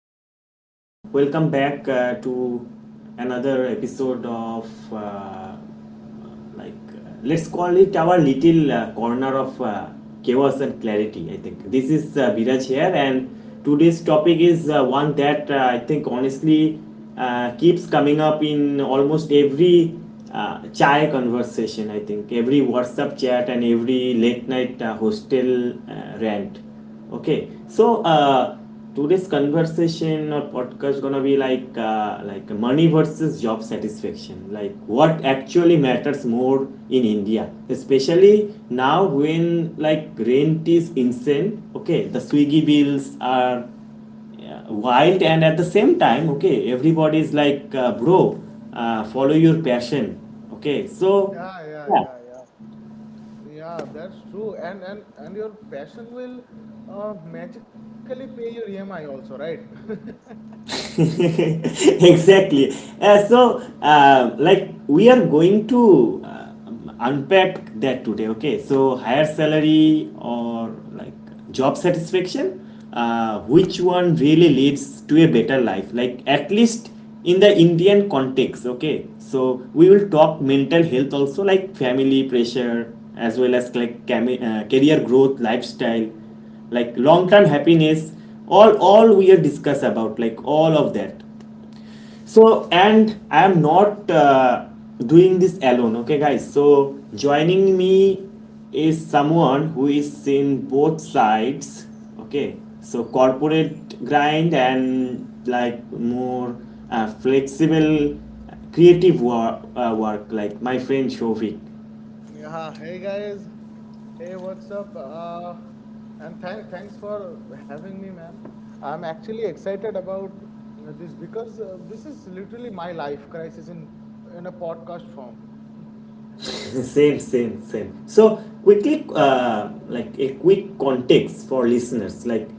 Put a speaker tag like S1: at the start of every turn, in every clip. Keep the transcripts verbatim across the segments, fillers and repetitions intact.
S1: so hey everyone, welcome back uh, to another episode of uh, like uh, let's call it our little uh, corner of uh, chaos and clarity. I think this is uh, Biraj here, and today's topic is uh, one that uh, I think honestly uh, keeps coming up in almost every uh, chai conversation. I think every WhatsApp chat and every late night uh, hostel uh, rant. Okay, so uh, today's conversation or podcast gonna be like uh, like money versus job satisfaction, like what actually matters more in India, especially now when like rent is insane. Okay, the Swiggy bills are, yeah, wild, and at the same time, okay, everybody is like uh, bro, uh, follow your passion. Okay, so
S2: Yeah, yeah,
S1: yeah.
S2: yeah, yeah. Yeah, that's true. And and and your passion will uh, magically pay your E M I also, right?
S1: Exactly. Uh, so, uh, like, we are going to uh, unpack that today, okay? So, higher salary or like job satisfaction, uh, which one really leads to a better life? Like, at least in the Indian context, okay? So, we will talk mental health also, like family pressure, as well as like cami- uh, career growth, lifestyle, like long term happiness, all all we are discuss about like all of that. So, and I am not uh, doing this alone, okay guys, so joining me is someone who is in both sides, okay, so corporate grind and like more uh, flexible creative work, uh, work like my friend Shovik.
S2: Yeah, hey guys. Hey, what's up? Uh, and thank thanks for having me, man. I'm actually excited about uh, this because uh, this is literally my life crisis in in a podcast form.
S1: Same same same. So quickly, uh, like a quick context for listeners, like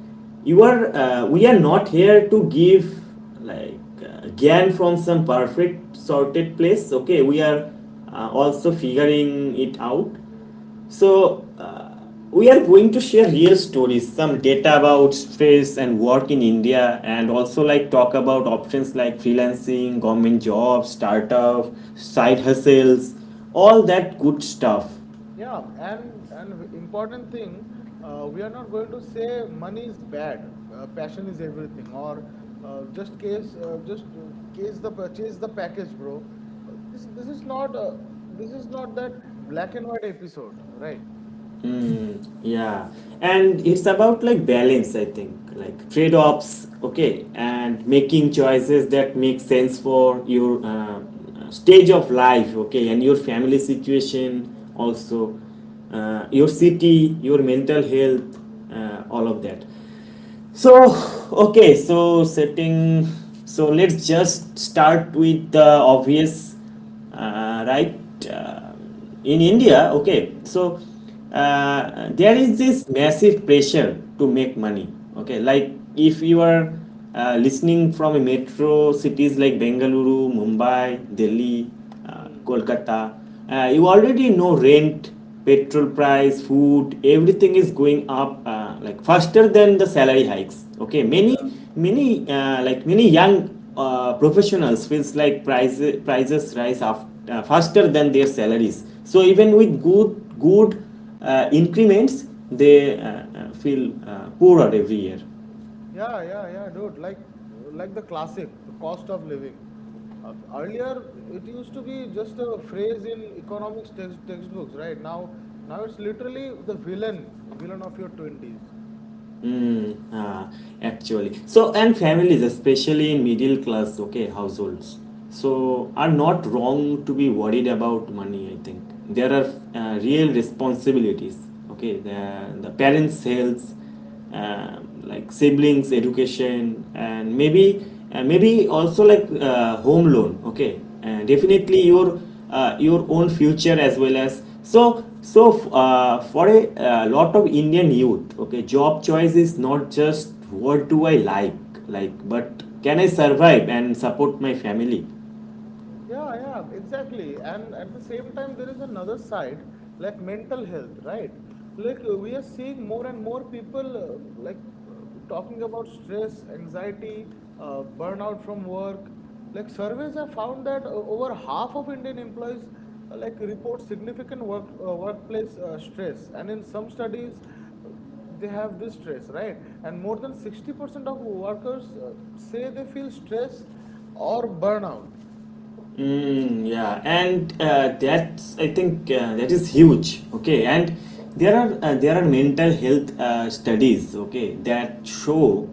S1: you are uh, we are not here to give like uh, gyan from some perfect sorted place, okay, we are uh, also figuring it out. So, uh, we are going to share real stories, some data about stress and work in India, and also like talk about options like freelancing, government jobs, startup, side hustles, all that good stuff.
S2: Yeah, and and important thing, uh, we are not going to say money is bad, uh, passion is everything, or uh, just case uh, just uh, case the purchase the package, bro. Uh, this this is not uh, this is not that black and white episode, right?
S1: Mm, yeah, and it's about like balance, I think, like trade offs, okay, and making choices that make sense for your uh, stage of life, okay, and your family situation, also, uh, your city, your mental health, uh, all of that. So, okay, so setting, so let's just start with the obvious, uh, right? Uh, um, in India, okay, so uh, there is this massive pressure to make money. Okay, like if you are uh, listening from a metro cities like Bengaluru, Mumbai, Delhi, uh,
S2: Hmm.
S1: Kolkata, uh, you already know rent, petrol price, food, everything is going up uh, like faster than the salary hikes. Okay, many
S2: Yeah.
S1: Many uh, like many young uh, professionals feels like prices prices rise after uh, faster than their salaries. So even with good good uh, increments, they uh, uh, feel uh, poorer every year.
S2: Yeah, yeah, yeah, dude. Like, like the classic, the cost of living. Uh, earlier, it used to be just a phrase in economics text, textbooks, right? Now, now it's literally the villain, villain of your twenties.
S1: Mm, Uh, actually, so and families, especially in middle class, okay, households, so are not wrong to be worried about money. I think there are uh, real responsibilities. Okay, the, the parents' health, um, like siblings education, and maybe, and maybe also like uh, home loan, okay, and
S2: Hmm, hmm.
S1: definitely your uh, your own future as well. As so so uh, for a uh, lot of Indian youth, okay, job choice is not just what do I like like but can I survive and support my family?
S2: Yeah, yeah, exactly. And at the same time, there is another side, like mental health, right? Like uh, we are seeing more and more people uh, like uh, talking about stress, anxiety, uh, burnout from work. Like surveys have found that uh, over half of Indian employees uh, like report significant work uh, workplace uh, stress, and in some studies, uh, they have this stress, right? And more than sixty percent of workers uh, say they feel stress or burnout.
S1: Mm, yeah, and uh, that's I think uh, that is huge. Okay, and there are uh, there are mental health uh, studies, okay, that show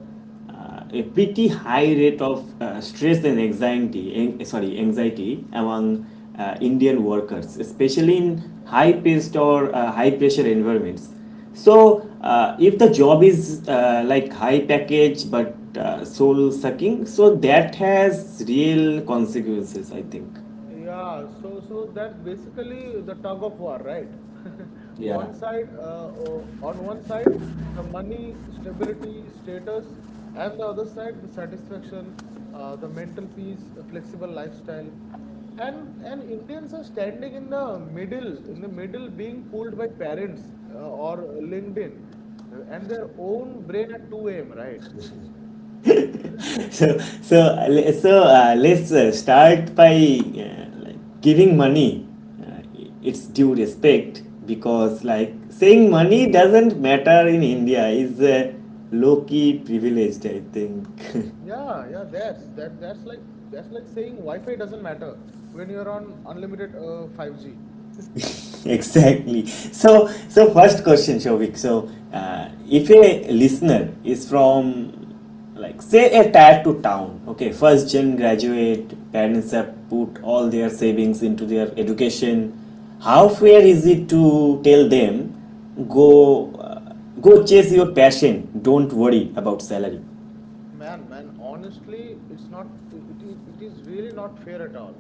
S1: uh, a pretty high rate of uh, stress and anxiety. An- sorry, anxiety among uh, Indian workers, especially in high paced or uh, high pressure environments. So, uh, if the job is uh, like high package but uh, soul sucking, so that has real consequences, I think.
S2: Yeah, so so that's basically the tug of war, right?
S1: Yeah.
S2: One side, uh, o- on one side, the money, stability, status, and the other side, the satisfaction, uh, the mental peace, a flexible lifestyle, and and Indians are standing in the middle, in the middle, being pulled by parents uh, or LinkedIn uh, and their own brain at two a m. Right?
S1: So, so, uh, le- so uh, let's uh, start by uh, like giving money uh, its due respect because, like, saying money doesn't matter in India is uh, low key privileged, I think.
S2: Yeah, yeah, that's that that's like that's like saying Wi-Fi doesn't matter when you're on unlimited uh, five G.
S1: Exactly. So, so first question, Shovik. So, uh, if a listener is from, like, say, a tattoo town, okay, first gen graduate, parents have put all their savings into their education. How fair is it to tell them, go, uh, go chase your passion, don't worry about salary?
S2: Man, man, honestly, it's not it, it, it is really not fair at all.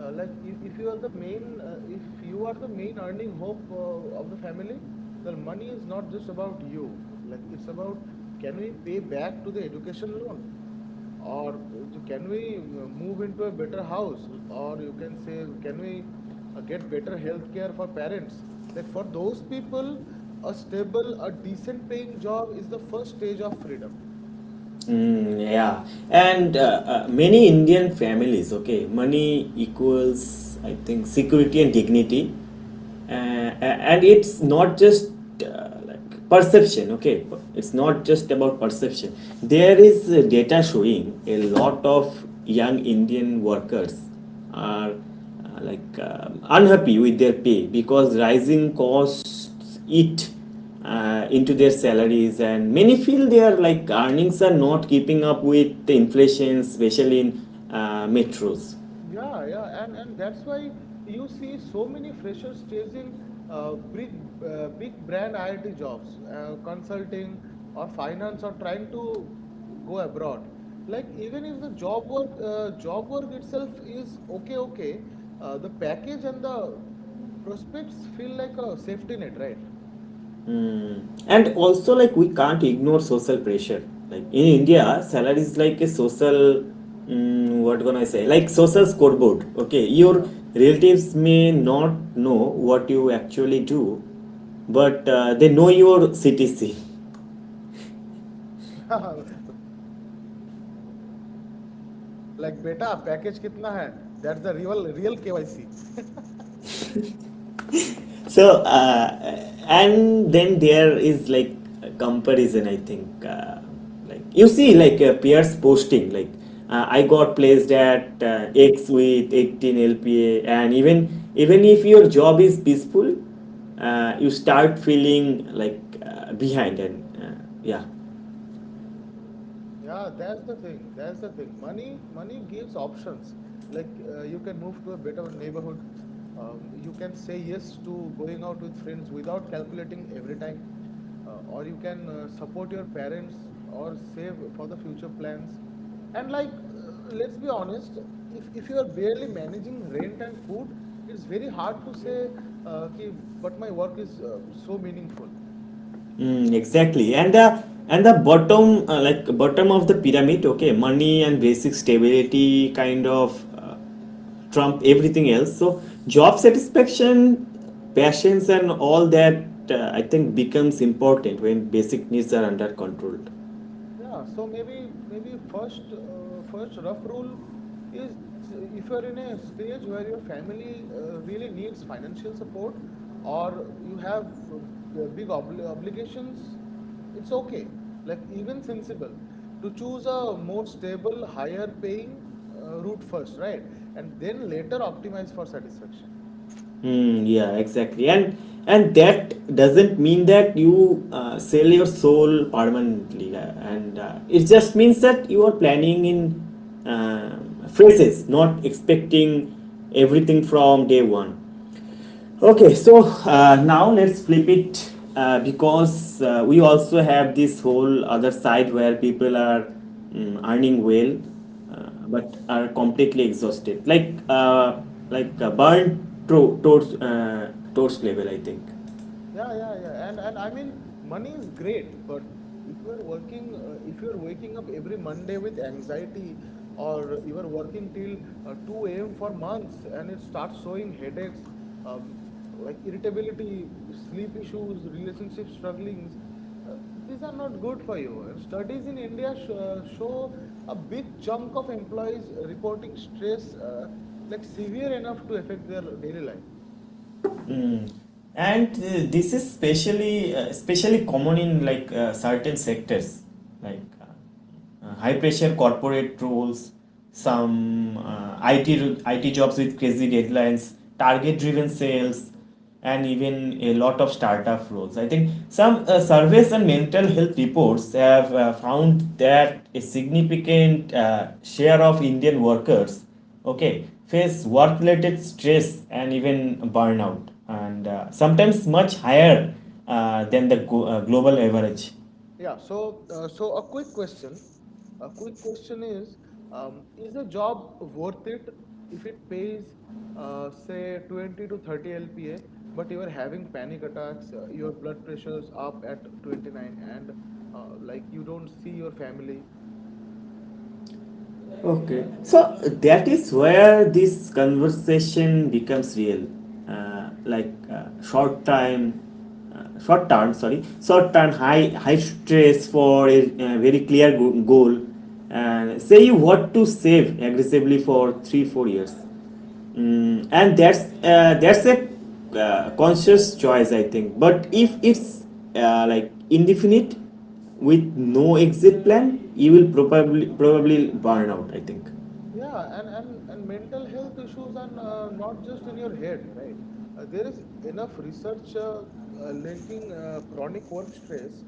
S2: Uh, like if, if you are the main uh, if you are the main earning hope uh, of the family, the money is not just about you. Like it's about can we pay back to the education loan? Or so can we move into a better house? Or you can say, can we uh, get better health care for parents? Like for those people, a stable, a decent paying job is the first stage of freedom.
S1: Mm, yeah, and uh, uh, many Indian families, okay, money equals, I think, security and dignity. Uh, a- and it's not just uh, like perception, okay, it's not just about perception. There is uh, data showing a lot of young Indian workers are uh, like um unhappy with their pay, because rising costs eat uh, into their salaries, and many feel their like earnings are not keeping up with the inflation, especially in uh, metros.
S2: Yeah, yeah, and and that's why you see so many freshers chasing uh, big uh, big brand I T jobs, uh, consulting or finance, or trying to go abroad. Like even if the job work uh, job work itself is okay, okay, uh, the package and the prospects feel like a safety net, right?
S1: And also like we can't ignore social pressure. Like in India, salary is like a social, mm, what gonna I say, like social scoreboard. Okay, your relatives may not know what you actually do, but uh, they know your C T C.
S2: Yeah, like beta, package कितना है? That's the real real K Y C.
S1: So uh, and then there is like a comparison, I think, uh, like you see like uh, peers posting like uh, I got placed at uh, X with eighteen LPA, and even even if your job is peaceful, uh, you start feeling like uh, behind, and uh, yeah.
S2: Yeah, that's the thing. That's the thing. Money, money gives options. Like uh, you can move to a better neighborhood. Um, you can say yes to going out with friends without calculating every time. Uh, or you can uh, support your parents or save for the future plans. And like, uh, let's be honest, if if you are barely managing rent and food, it's very hard to say, uh, ki, but my work is uh, so meaningful.
S1: Mm, exactly. And the and the bottom uh, like bottom of the pyramid, okay, money and basic stability kind of uh, trump everything else. So job satisfaction, passions and all that, uh, I think becomes important when basic needs are under control.
S2: Yeah, so maybe maybe first uh, first rough rule is if you're in a stage where your family uh, really needs financial support or you have uh, b- big obli obligations, it's okay. Like even sensible to choose a more stable, higher paying uh, route first, right? And then later optimize for satisfaction.
S1: Mm, yeah, exactly. And and that doesn't mean that you uh, sell your soul permanently. uh, And uh, it just means that you are planning in um phases, not expecting everything from day one. Okay, so uh, now let's flip it uh, because uh, we also have this whole other side where people are, mm, earning well uh, but are completely exhausted, like uh, like uh, burnt to- towards uh, towards level, I think.
S2: Yeah, yeah, yeah. And and I mean, money is great, but if you're working, uh, if you're waking up every Monday with anxiety, or you are working till uh, two a m for months, and it starts showing headaches, um, like irritability, sleep issues, relationship strugglings, uh, these are not good for you. And studies in India sh uh, show a big chunk of employees reporting stress, uh, like severe enough to affect their daily life.
S1: Mm. And uh, this is especially uh, especially common in like uh, certain sectors, like. Uh, uh, high pressure corporate roles, some uh, I T I T jobs with crazy deadlines, target driven sales, and even a lot of startup roles. I think some uh, surveys and mental health reports have uh, found that a significant uh, share of Indian workers, okay, face work related stress and even burnout, and uh, sometimes much higher uh, than the go- uh, global average.
S2: Yeah, so uh, so a quick question. A quick question is, um, is a job worth it if it pays, uh, say, twenty to thirty L P A, but you are having panic attacks, uh, your blood pressure is up at twenty-nine, and uh, like you don't see your family,
S1: Okay, so that is where this conversation becomes real. Uh, like uh, short time, uh, short term, sorry, short term, high high stress for a, uh, very clear go- goal, and say you want to save aggressively for three four years. Mm, and that's uh, that's a uh, conscious choice, I think. But if it's uh, like indefinite with no exit plan, you will probably probably burn out, I think.
S2: Yeah, and, and, and mental health issues are uh, not just in your head, right? Uh, there is enough research uh, uh, linking uh, chronic work stress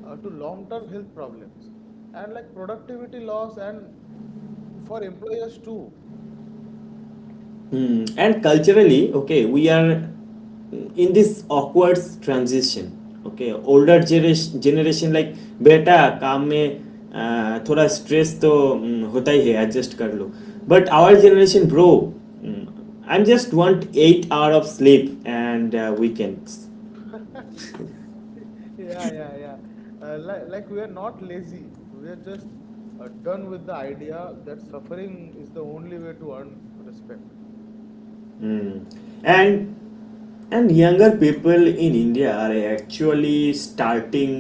S2: uh, to long-term health problems and like productivity loss and for employers too.
S1: Hmm. And culturally, okay, we are in this awkward transition. Okay, older generation generation like बेटा काम में अ, थोड़ा stress तो हम्म, होता ही है adjust कर लो, but our generation bro, I am just want eight hour of sleep and weekends.
S2: Yeah, yeah, yeah. Uh, like, like we are not lazy. We are just uh, done with the idea that suffering is the only way to earn respect.
S1: Mm. And and younger people in India are actually starting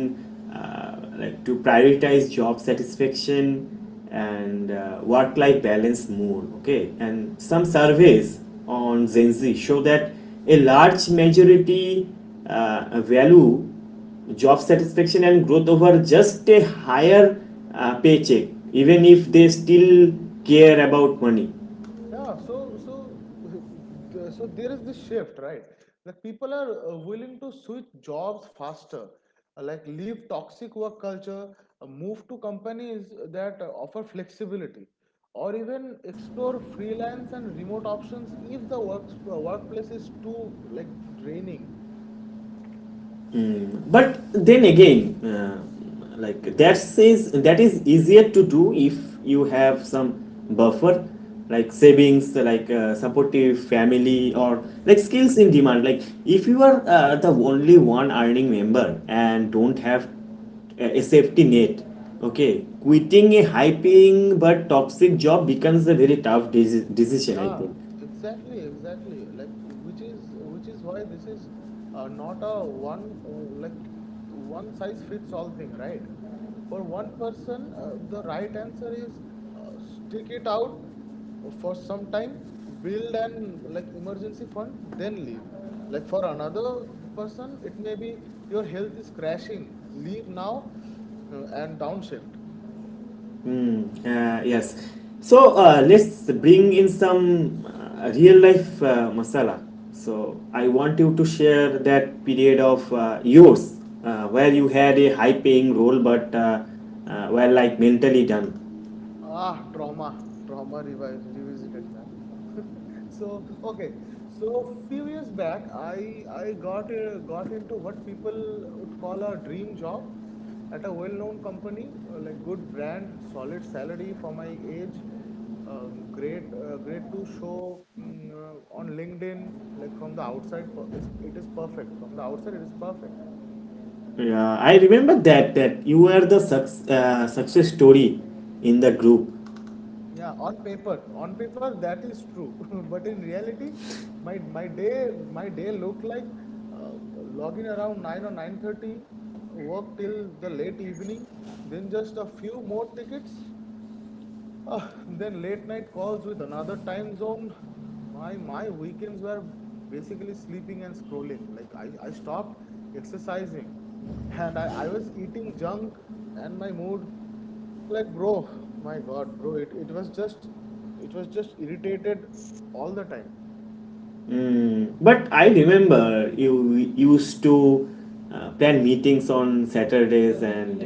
S1: uh, like to prioritize job satisfaction and uh, work-life balance more. Okay, and some surveys on Gen Z show that a large majority uh, value job satisfaction and growth over just a higher uh, paycheck, even if they still care about money.
S2: Yeah, so so the- so there is this shift, right? That people are uh, willing to switch jobs faster, uh, like leave toxic work culture, uh, move to companies that uh, offer flexibility, or even explore freelance and remote options if the work, uh, workplace is too like draining.
S1: But then again, uh, like that says that is easier to do if you have some buffer, like savings, like uh, supportive family, or like skills in demand. Like if you are uh, the only one earning member and don't have a a safety net, okay, quitting a high paying but toxic job becomes a very tough deci- decision, I
S2: Yeah,
S1: think.
S2: exactly, exactly. Like, which is which is why this is uh, not a one uh, like one size fits all thing, right? For one person, uh, the right answer is uh, stick it out for some time, build an like emergency fund, then leave. Like for another person, it may be your health is crashing, leave now uh, and downshift.
S1: Mm, uh, yes. So uh, let's bring in some uh, real life uh, masala. So I want you to share that period of uh, yours uh, where you had a high paying role but uh, uh, were like mentally done.
S2: Ah, trauma, trauma revi- revisited, man. So, okay, so few years back, I I got uh, got into what people would call a dream job at a well-known company, uh, like good brand, solid salary for my age, um, great uh, great to show mm, uh, on LinkedIn. Like from the outside, per- it's- it is perfect. From the outside, it is perfect.
S1: Yeah, I remember that that you were the suc- uh, success story in the group.
S2: Yeah, on paper, on paper that is true, but in reality, my my day my day looked like uh, log in around nine or nine thirty, work till the late evening, then just a few more tickets, uh, then late night calls with another time zone. My my weekends were basically sleeping and scrolling. Like I I stopped exercising, and I I was eating junk, and my mood like, bro, my God, bro, it, it was just it was just irritated all the time.
S1: Mm, but I remember you used to uh, plan meetings on Saturdays, and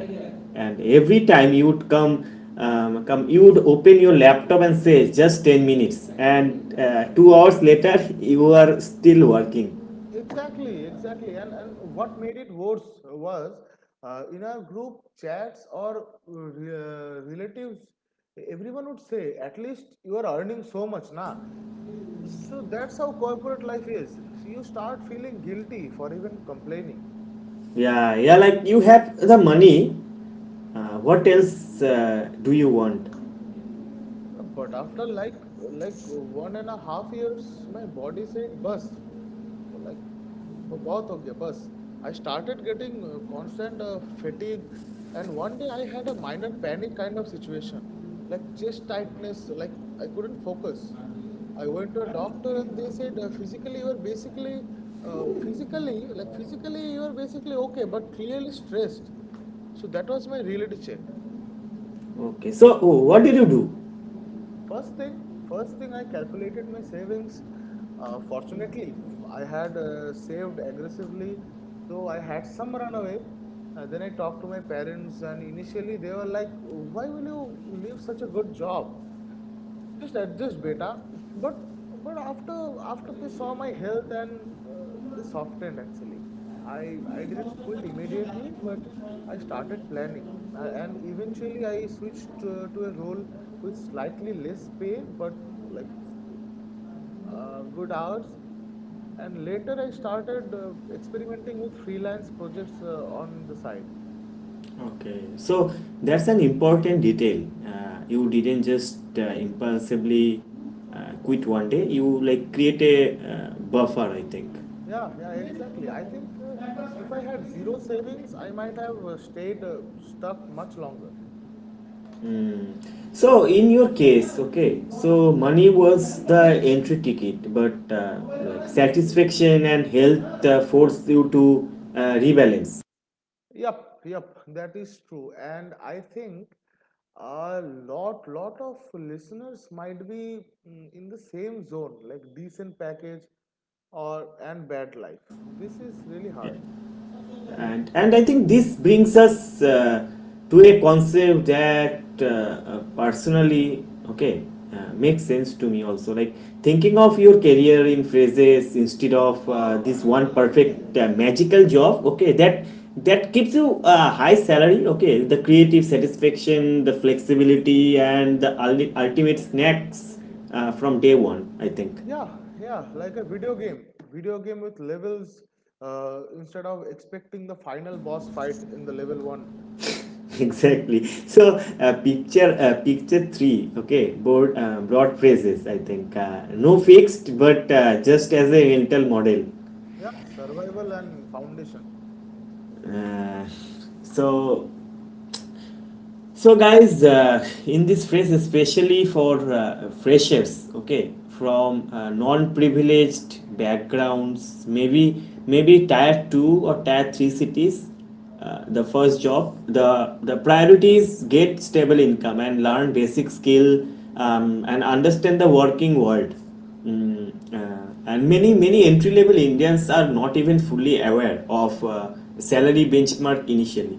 S1: and every time you would come um, come you would open your laptop and say just ten minutes, and uh, two hours later, you are still working.
S2: Exactly, exactly. And and what made it worse was uh, in our group chats or uh, relatives, everyone would say, at least you are earning so much, na. So that's how corporate life is. You start feeling guilty for even complaining.
S1: Yeah, yeah, like you have the money, uh, what else uh, do you want?
S2: But after like like one and a half years, my body said, "Bus, So, like ब- बहुत हो गया बस आई started getting uh, constant uh, fatigue and one day I had a minor panic kind of situation like chest tightness like I couldn't focus. I went to a doctor and they said uh, physically you are basically uh, physically like physically you are basically okay but clearly stressed, so that was my reality check.
S1: Okay, so what did you do?
S2: First thing, first thing I calculated my savings. Uh, fortunately, I had uh, saved aggressively, so I had some runaway. Uh, then I talked to my parents, and initially they were like, "Why will you leave such a good job? Just adjust, beta." But but after after they saw my health and uh, they softened actually. I I didn't quit immediately, but I started planning, uh, and eventually I switched uh, to a role with slightly less pay, but like uh, good hours. And later I started uh, experimenting with freelance projects uh, on the side.
S1: Okay, so that's an important detail. Uh, you didn't just uh, impulsively uh, quit one day. You like create a uh, buffer, I think.
S2: Yeah, yeah, exactly. I think uh, if I had zero savings, I might have uh, stayed uh, stuck much longer.
S1: So in your case, okay, so money was the entry ticket, but uh, like satisfaction and health uh, forced you to uh, rebalance.
S2: Yep, yep, that is true. And I think a lot, lot of listeners might be mm, in the same zone, like decent package or and bad life. This is really hard.
S1: and and I think this brings us uh, to a concept that uh, uh, personally, okay, uh, makes sense to me also, like thinking of your career in phrases instead of uh, this one perfect uh, magical job, okay, that that gives you a high salary, okay, the creative satisfaction, the flexibility, and the ulti- ultimate snacks uh, from day one, I think.
S2: Yeah, yeah, like a video game. Video game with levels uh, instead of expecting the final boss fight in the level one.
S1: Exactly, so uh, picture uh, picture three, okay, board uh, broad phrases, I think, uh, no fixed, but uh, just as a mental model.
S2: Yeah, survival and foundation.
S1: Uh, so So, guys, uh, in this phrase, especially for uh, freshers, okay, from uh, non-privileged backgrounds, maybe maybe tier two or tier three cities, uh, the first job, the the priority is get stable income and learn basic skill, um, and understand the working world. Mm, uh, and many many entry level Indians are not even fully aware of uh, salary benchmark initially.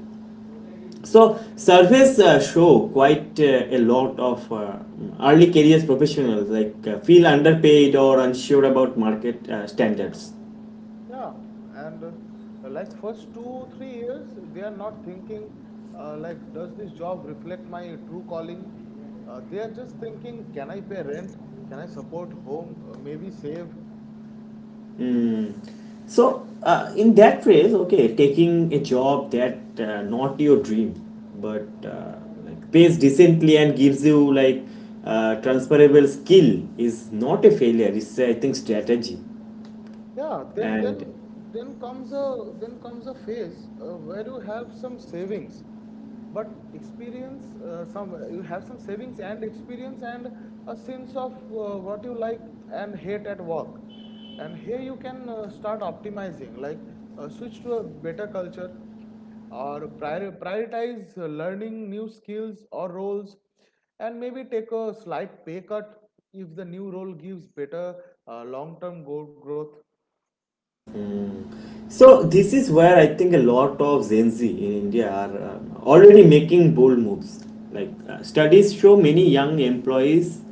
S1: So surveys uh, show quite uh, a lot of uh, early careers professionals, like, uh, feel underpaid or unsure about market uh, standards.
S2: Yeah, and uh, like first two, three years, they are not thinking uh, like, does this job reflect my true calling? Uh, they are just thinking, can I pay rent? Can I support home? Uh, maybe save?
S1: So uh, in that phrase, okay, taking a job that uh, not your dream, but uh, like pays decently and gives you, like, uh, transferable skill, is not a failure. It's, uh, I think, strategy,
S2: Yeah, then then
S1: and.
S2: then comes a then comes a phase uh, where you have some savings, but experience uh, some you have some savings and experience and a sense of uh, what you like and hate at work, and here you can uh, start optimizing like uh, switch to a better culture or prior, prioritize uh, learning new skills or roles and maybe take a slight pay cut if the new role gives better uh, long-term go- growth.
S1: So this is where I think a lot of Gen Z in India are um, already making bold moves. Like, uh, studies show, many young employees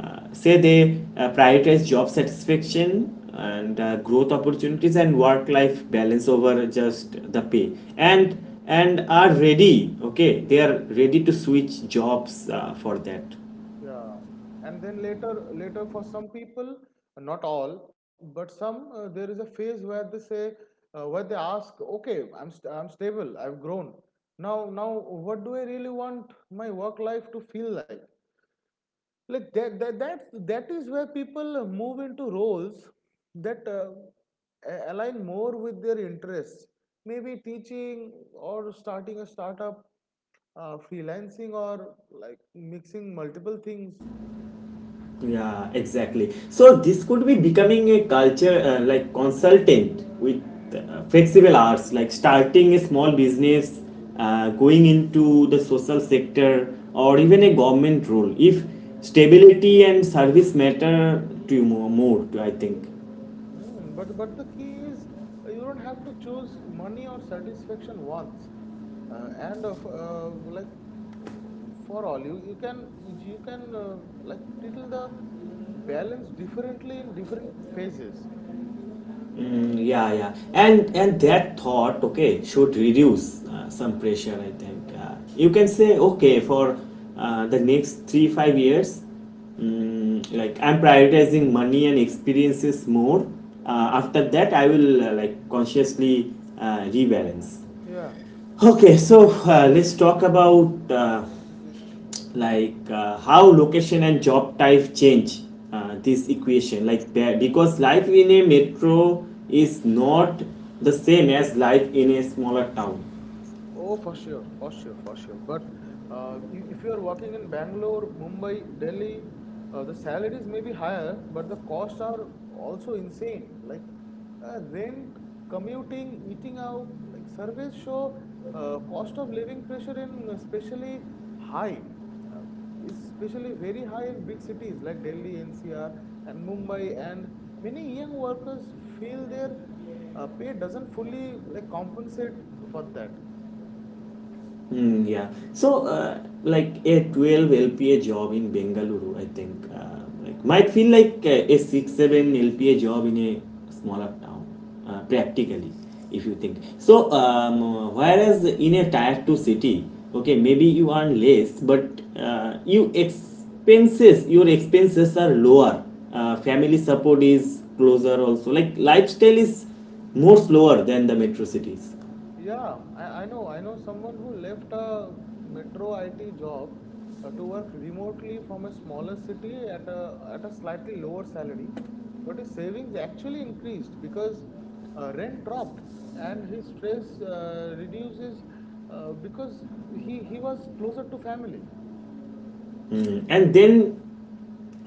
S1: uh, say they uh, prioritize job satisfaction and uh, growth opportunities and work-life balance over just the pay, and and are ready. Okay, they are ready to switch jobs uh, for that.
S2: Yeah, and then later, later for some people, not all, but some, uh, there is a phase where they say, uh, where they ask, okay, I'm st- I'm stable, I've grown. Now, now, what do I really want my work life to feel like? Like that, that, that's that is where people move into roles that uh, a- align more with their interests. Maybe teaching or starting a startup, uh, freelancing or like mixing multiple things.
S1: Yeah, exactly. So this could be becoming a culture, uh, like consultant with uh, flexible hours, like starting a small business, uh, going into the social sector, or even a government role if stability and service matter to you more, more, I think.
S2: Hmm, but but the key is, uh, you don't have to choose money or satisfaction once, uh, and of uh, like uh, for all you you can you can uh, like title the balance differently in different phases.
S1: Mm, yeah, yeah, and and that thought, okay, should reduce uh, some pressure. I think uh, you can say, okay, for uh, the next three five years, mm, like I'm prioritizing money and experiences more. Uh, after that, I will, uh, like, consciously uh, rebalance.
S2: Yeah.
S1: Okay, so uh, let's talk about uh, like uh, how location and job type change uh, this equation. Like, be- because life in a metro is not the same as life in a smaller town.
S2: Oh, for sure, for sure, for sure. But uh, i- if you are working in Bangalore, Mumbai, Delhi, uh, the salaries may be higher, but the costs are also insane. Like, uh, rent, commuting, eating out, like surveys show uh, cost of living pressure in especially high, uh, is especially very high in big cities like Delhi, N C R, and Mumbai. And many young workers feel their uh, pay doesn't fully like compensate for that.
S1: Mm, yeah. So, uh, like, a twelve L P A job in Bengaluru, I think, uh, like might feel like uh, a six seven L P A job in a smaller town, uh, practically, if you think. So, um, whereas in a tier two city, okay, maybe you earn less, but uh, you expenses, your expenses are lower. Uh, family support is closer also. Like lifestyle is more slower than the metro cities.
S2: Yeah, I, I know. I know someone who left a metro I T job, uh, to work remotely from a smaller city at a at a slightly lower salary, but his savings actually increased because uh, rent dropped and his stress uh, reduces, uh, because he he was closer to family.
S1: Mm. And then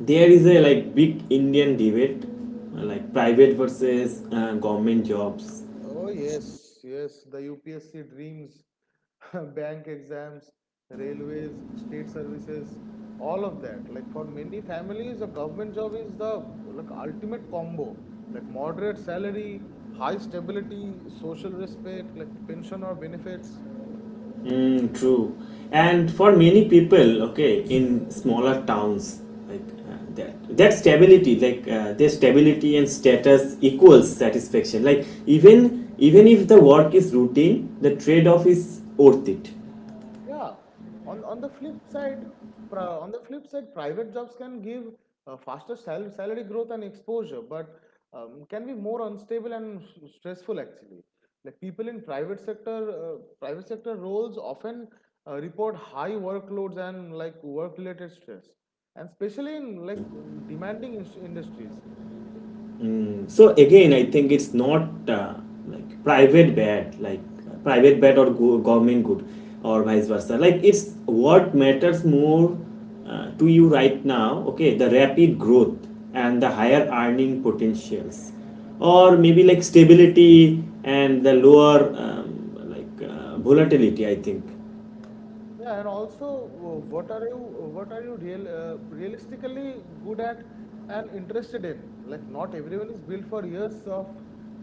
S1: there is a, like, big Indian debate, uh, like private versus uh, government jobs.
S2: Oh, yes, yes. The U P S C dreams, bank exams, railways, state services, all of that. Like for many families, a government job is the like ultimate combo. Like moderate salary, high stability, social respect, like pension or benefits.
S1: Mm, true, and for many people, okay, in smaller towns, like, uh, that, that stability, like, uh, their stability and status equals satisfaction. Like, even even if the work is routine, the trade-off is worth it.
S2: Yeah. On on the flip side, pri- on the flip side, private jobs can give uh, faster sal- salary growth and exposure, but um, can be more unstable and s- stressful actually. Like people in private sector, uh, private sector roles often uh, report high workloads and like work-related stress, and especially in like demanding ins- industries.
S1: So again, I think it's not uh, like private bad, like, uh, private bad, or go- government good, or vice versa. Like, it's what matters more uh, to you right now. Okay, the rapid growth and the higher earning potentials, or maybe like stability and the lower um, like uh, volatility, I think.
S2: Yeah, and also, uh, what are you, uh, what are you real, uh, realistically good at and interested in? Like, not everyone is built for years of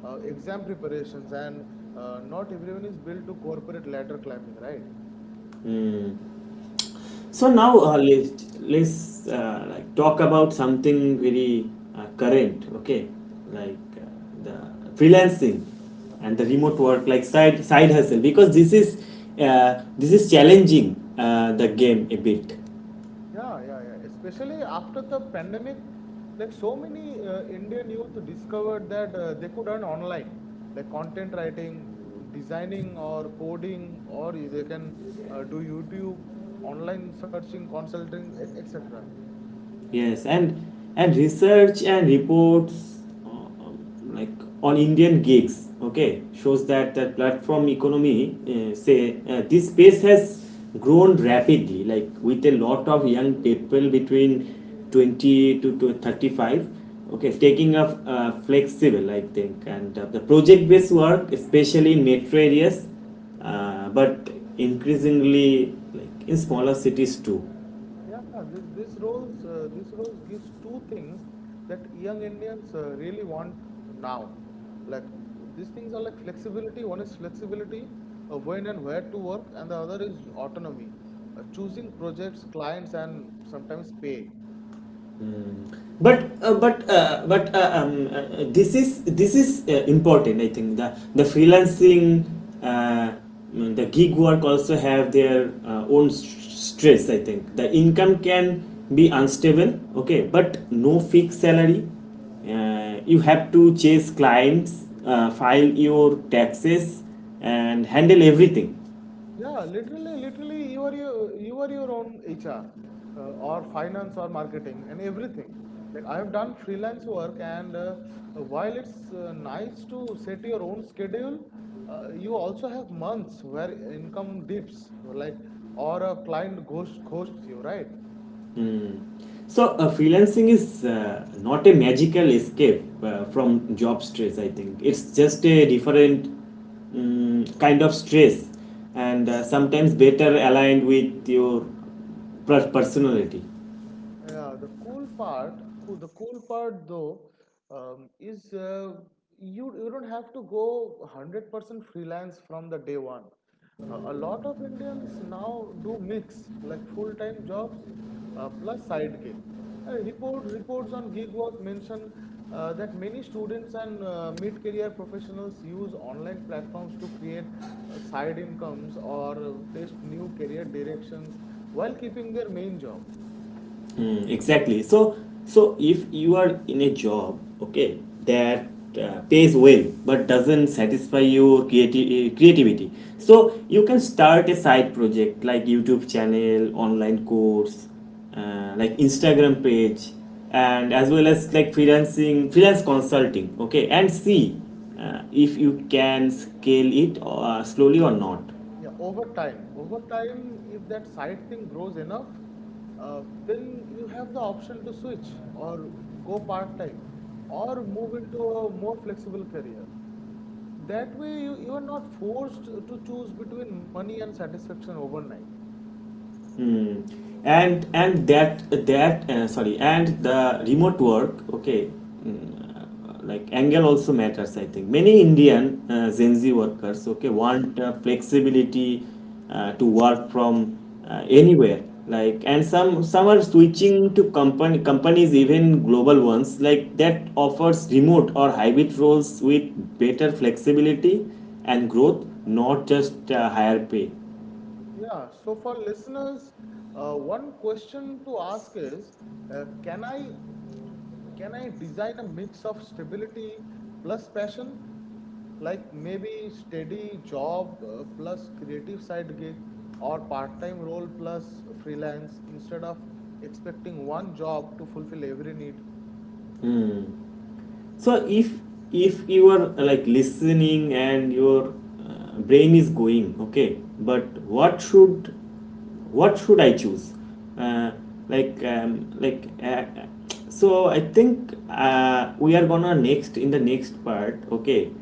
S2: uh, exam preparations, and uh, not everyone is built to corporate ladder climbing, right?
S1: So now, uh, let's let's uh, like talk about something very uh, current, okay? Like, uh, the freelancing and the remote work, like side side hustle, because this is uh, this is challenging uh, the game a bit.
S2: Yeah, yeah, yeah. Especially after the pandemic, like so many uh, Indian youth discovered that uh, they could earn online, like content writing, designing, or coding, or they can uh, do YouTube, online searching, consulting, et cetera.
S1: Yes, and and research and reports uh, um, like on Indian gigs, okay, shows that that platform economy, uh, say, uh, this space has grown rapidly, like with a lot of young people between twenty to, to thirty-five, okay, taking up uh, flexible, I think, and uh, the project-based work, especially in metro areas, uh, but increasingly like in smaller cities too.
S2: Yeah, th- this roles uh, this roles gives two things that young Indians uh, really want now. Like these things are like flexibility. One is flexibility, uh, when and where to work, and the other is autonomy, uh, choosing projects, clients, and sometimes pay.
S1: But uh, but uh, but uh, um, uh, uh, this is this is uh, important, I think. The the freelancing, uh, mm, the gig work, also have their uh, own s- stress, I think. The income can be unstable, okay, but no fixed salary. Uh, you have to chase clients, uh, file your taxes, and handle everything.
S2: Yeah, literally, literally, you are your you are your own H R, uh, or finance or marketing and everything. Like I have done freelance work, and uh, while it's uh, nice to set your own schedule, uh, you also have months where income dips, like or a client ghost ghosts you, right?
S1: So uh, freelancing is, uh, not a magical escape uh, from job stress. I think it's just a different um, kind of stress, and uh, sometimes better aligned with your per- personality.
S2: Yeah, the cool part, cool, the cool part though, um, is uh, you you don't have to go one hundred percent freelance from the day one. Uh, a lot of Indians now do mix like full-time jobs uh, plus side gig. And report reports on gig work mention uh, that many students and uh, mid-career professionals use online platforms to create uh, side incomes or uh, test new career directions while keeping their main job.
S1: Mm, exactly. So, so if you are in a job, okay, that uh, pays well but doesn't satisfy your creati- eh, creativity, so you can start a side project like YouTube channel, online course, uh, like Instagram page, and as well as like freelancing, freelance consulting, okay, and see uh, if you can scale it uh, slowly or not.
S2: Yeah, over time, over time, if that side thing grows enough, uh, then you have the option to switch or go part-time or move into a more flexible career. That way, you, you are not forced to choose between money and satisfaction overnight.
S1: Hmm. and and that that uh, sorry, and the remote work, okay, mm, uh, like angle also matters, I think. Many Indian uh, Gen Z workers, okay, want uh, flexibility uh, to work from uh, anywhere, like, and some some are switching to company companies, even global ones, like, that offers remote or hybrid roles with better flexibility and growth, not just uh, higher pay.
S2: Yeah, so for listeners, uh, one question to ask is, uh, can I Can I design a mix of stability plus passion? Like maybe steady job uh, plus creative side gig or part-time role plus freelance instead of expecting one job to fulfill every need.
S1: So if if you are, uh, like, listening and your uh, brain is going, okay, but what should what should I choose, uh, like um, like uh, so I think uh, we are gonna next, in the next part, okay, uh,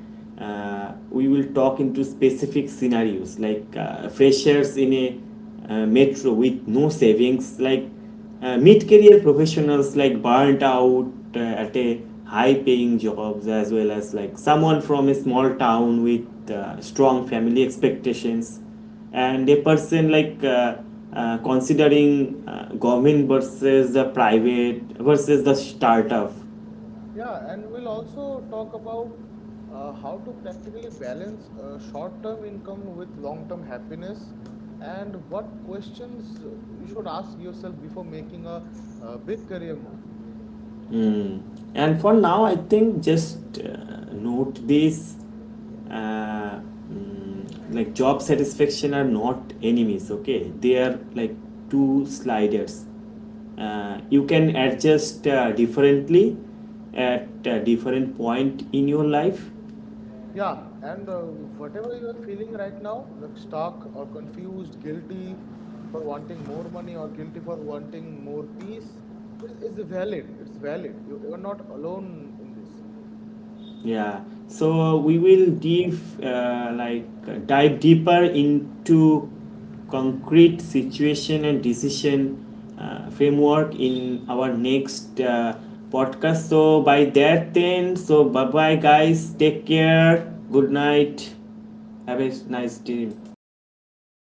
S1: uh, we will talk into specific scenarios, like, uh, freshers in a uh, metro with no savings, like uh, mid-career professionals like burnt out uh, at a high-paying jobs, as well as like someone from a small town with uh, strong family expectations, and a person, like, uh, uh, considering uh, government versus the private versus the startup.
S2: Yeah, and we'll also talk about uh, how to practically balance uh, short-term income with long-term happiness and what questions uh, you should ask yourself before making a, uh big career move.
S1: Mm. And for now, I think just uh, note these, uh, mm, like, job satisfaction are not enemies, okay? They are like two sliders. Uh, you can adjust uh, differently at a different point in your life.
S2: Yeah, and uh, whatever you are feeling right now, like stuck or confused, guilty for wanting more money or guilty for wanting more peace, is, is valid. It's valid. You, you are not alone in this.
S1: Yeah, so we will dive uh, like uh, dive deeper into concrete situation and decision uh, framework in our next uh, podcast. So by that then, so bye bye guys. Take care. Good night. Have a nice day.
S2: Yeah, good night,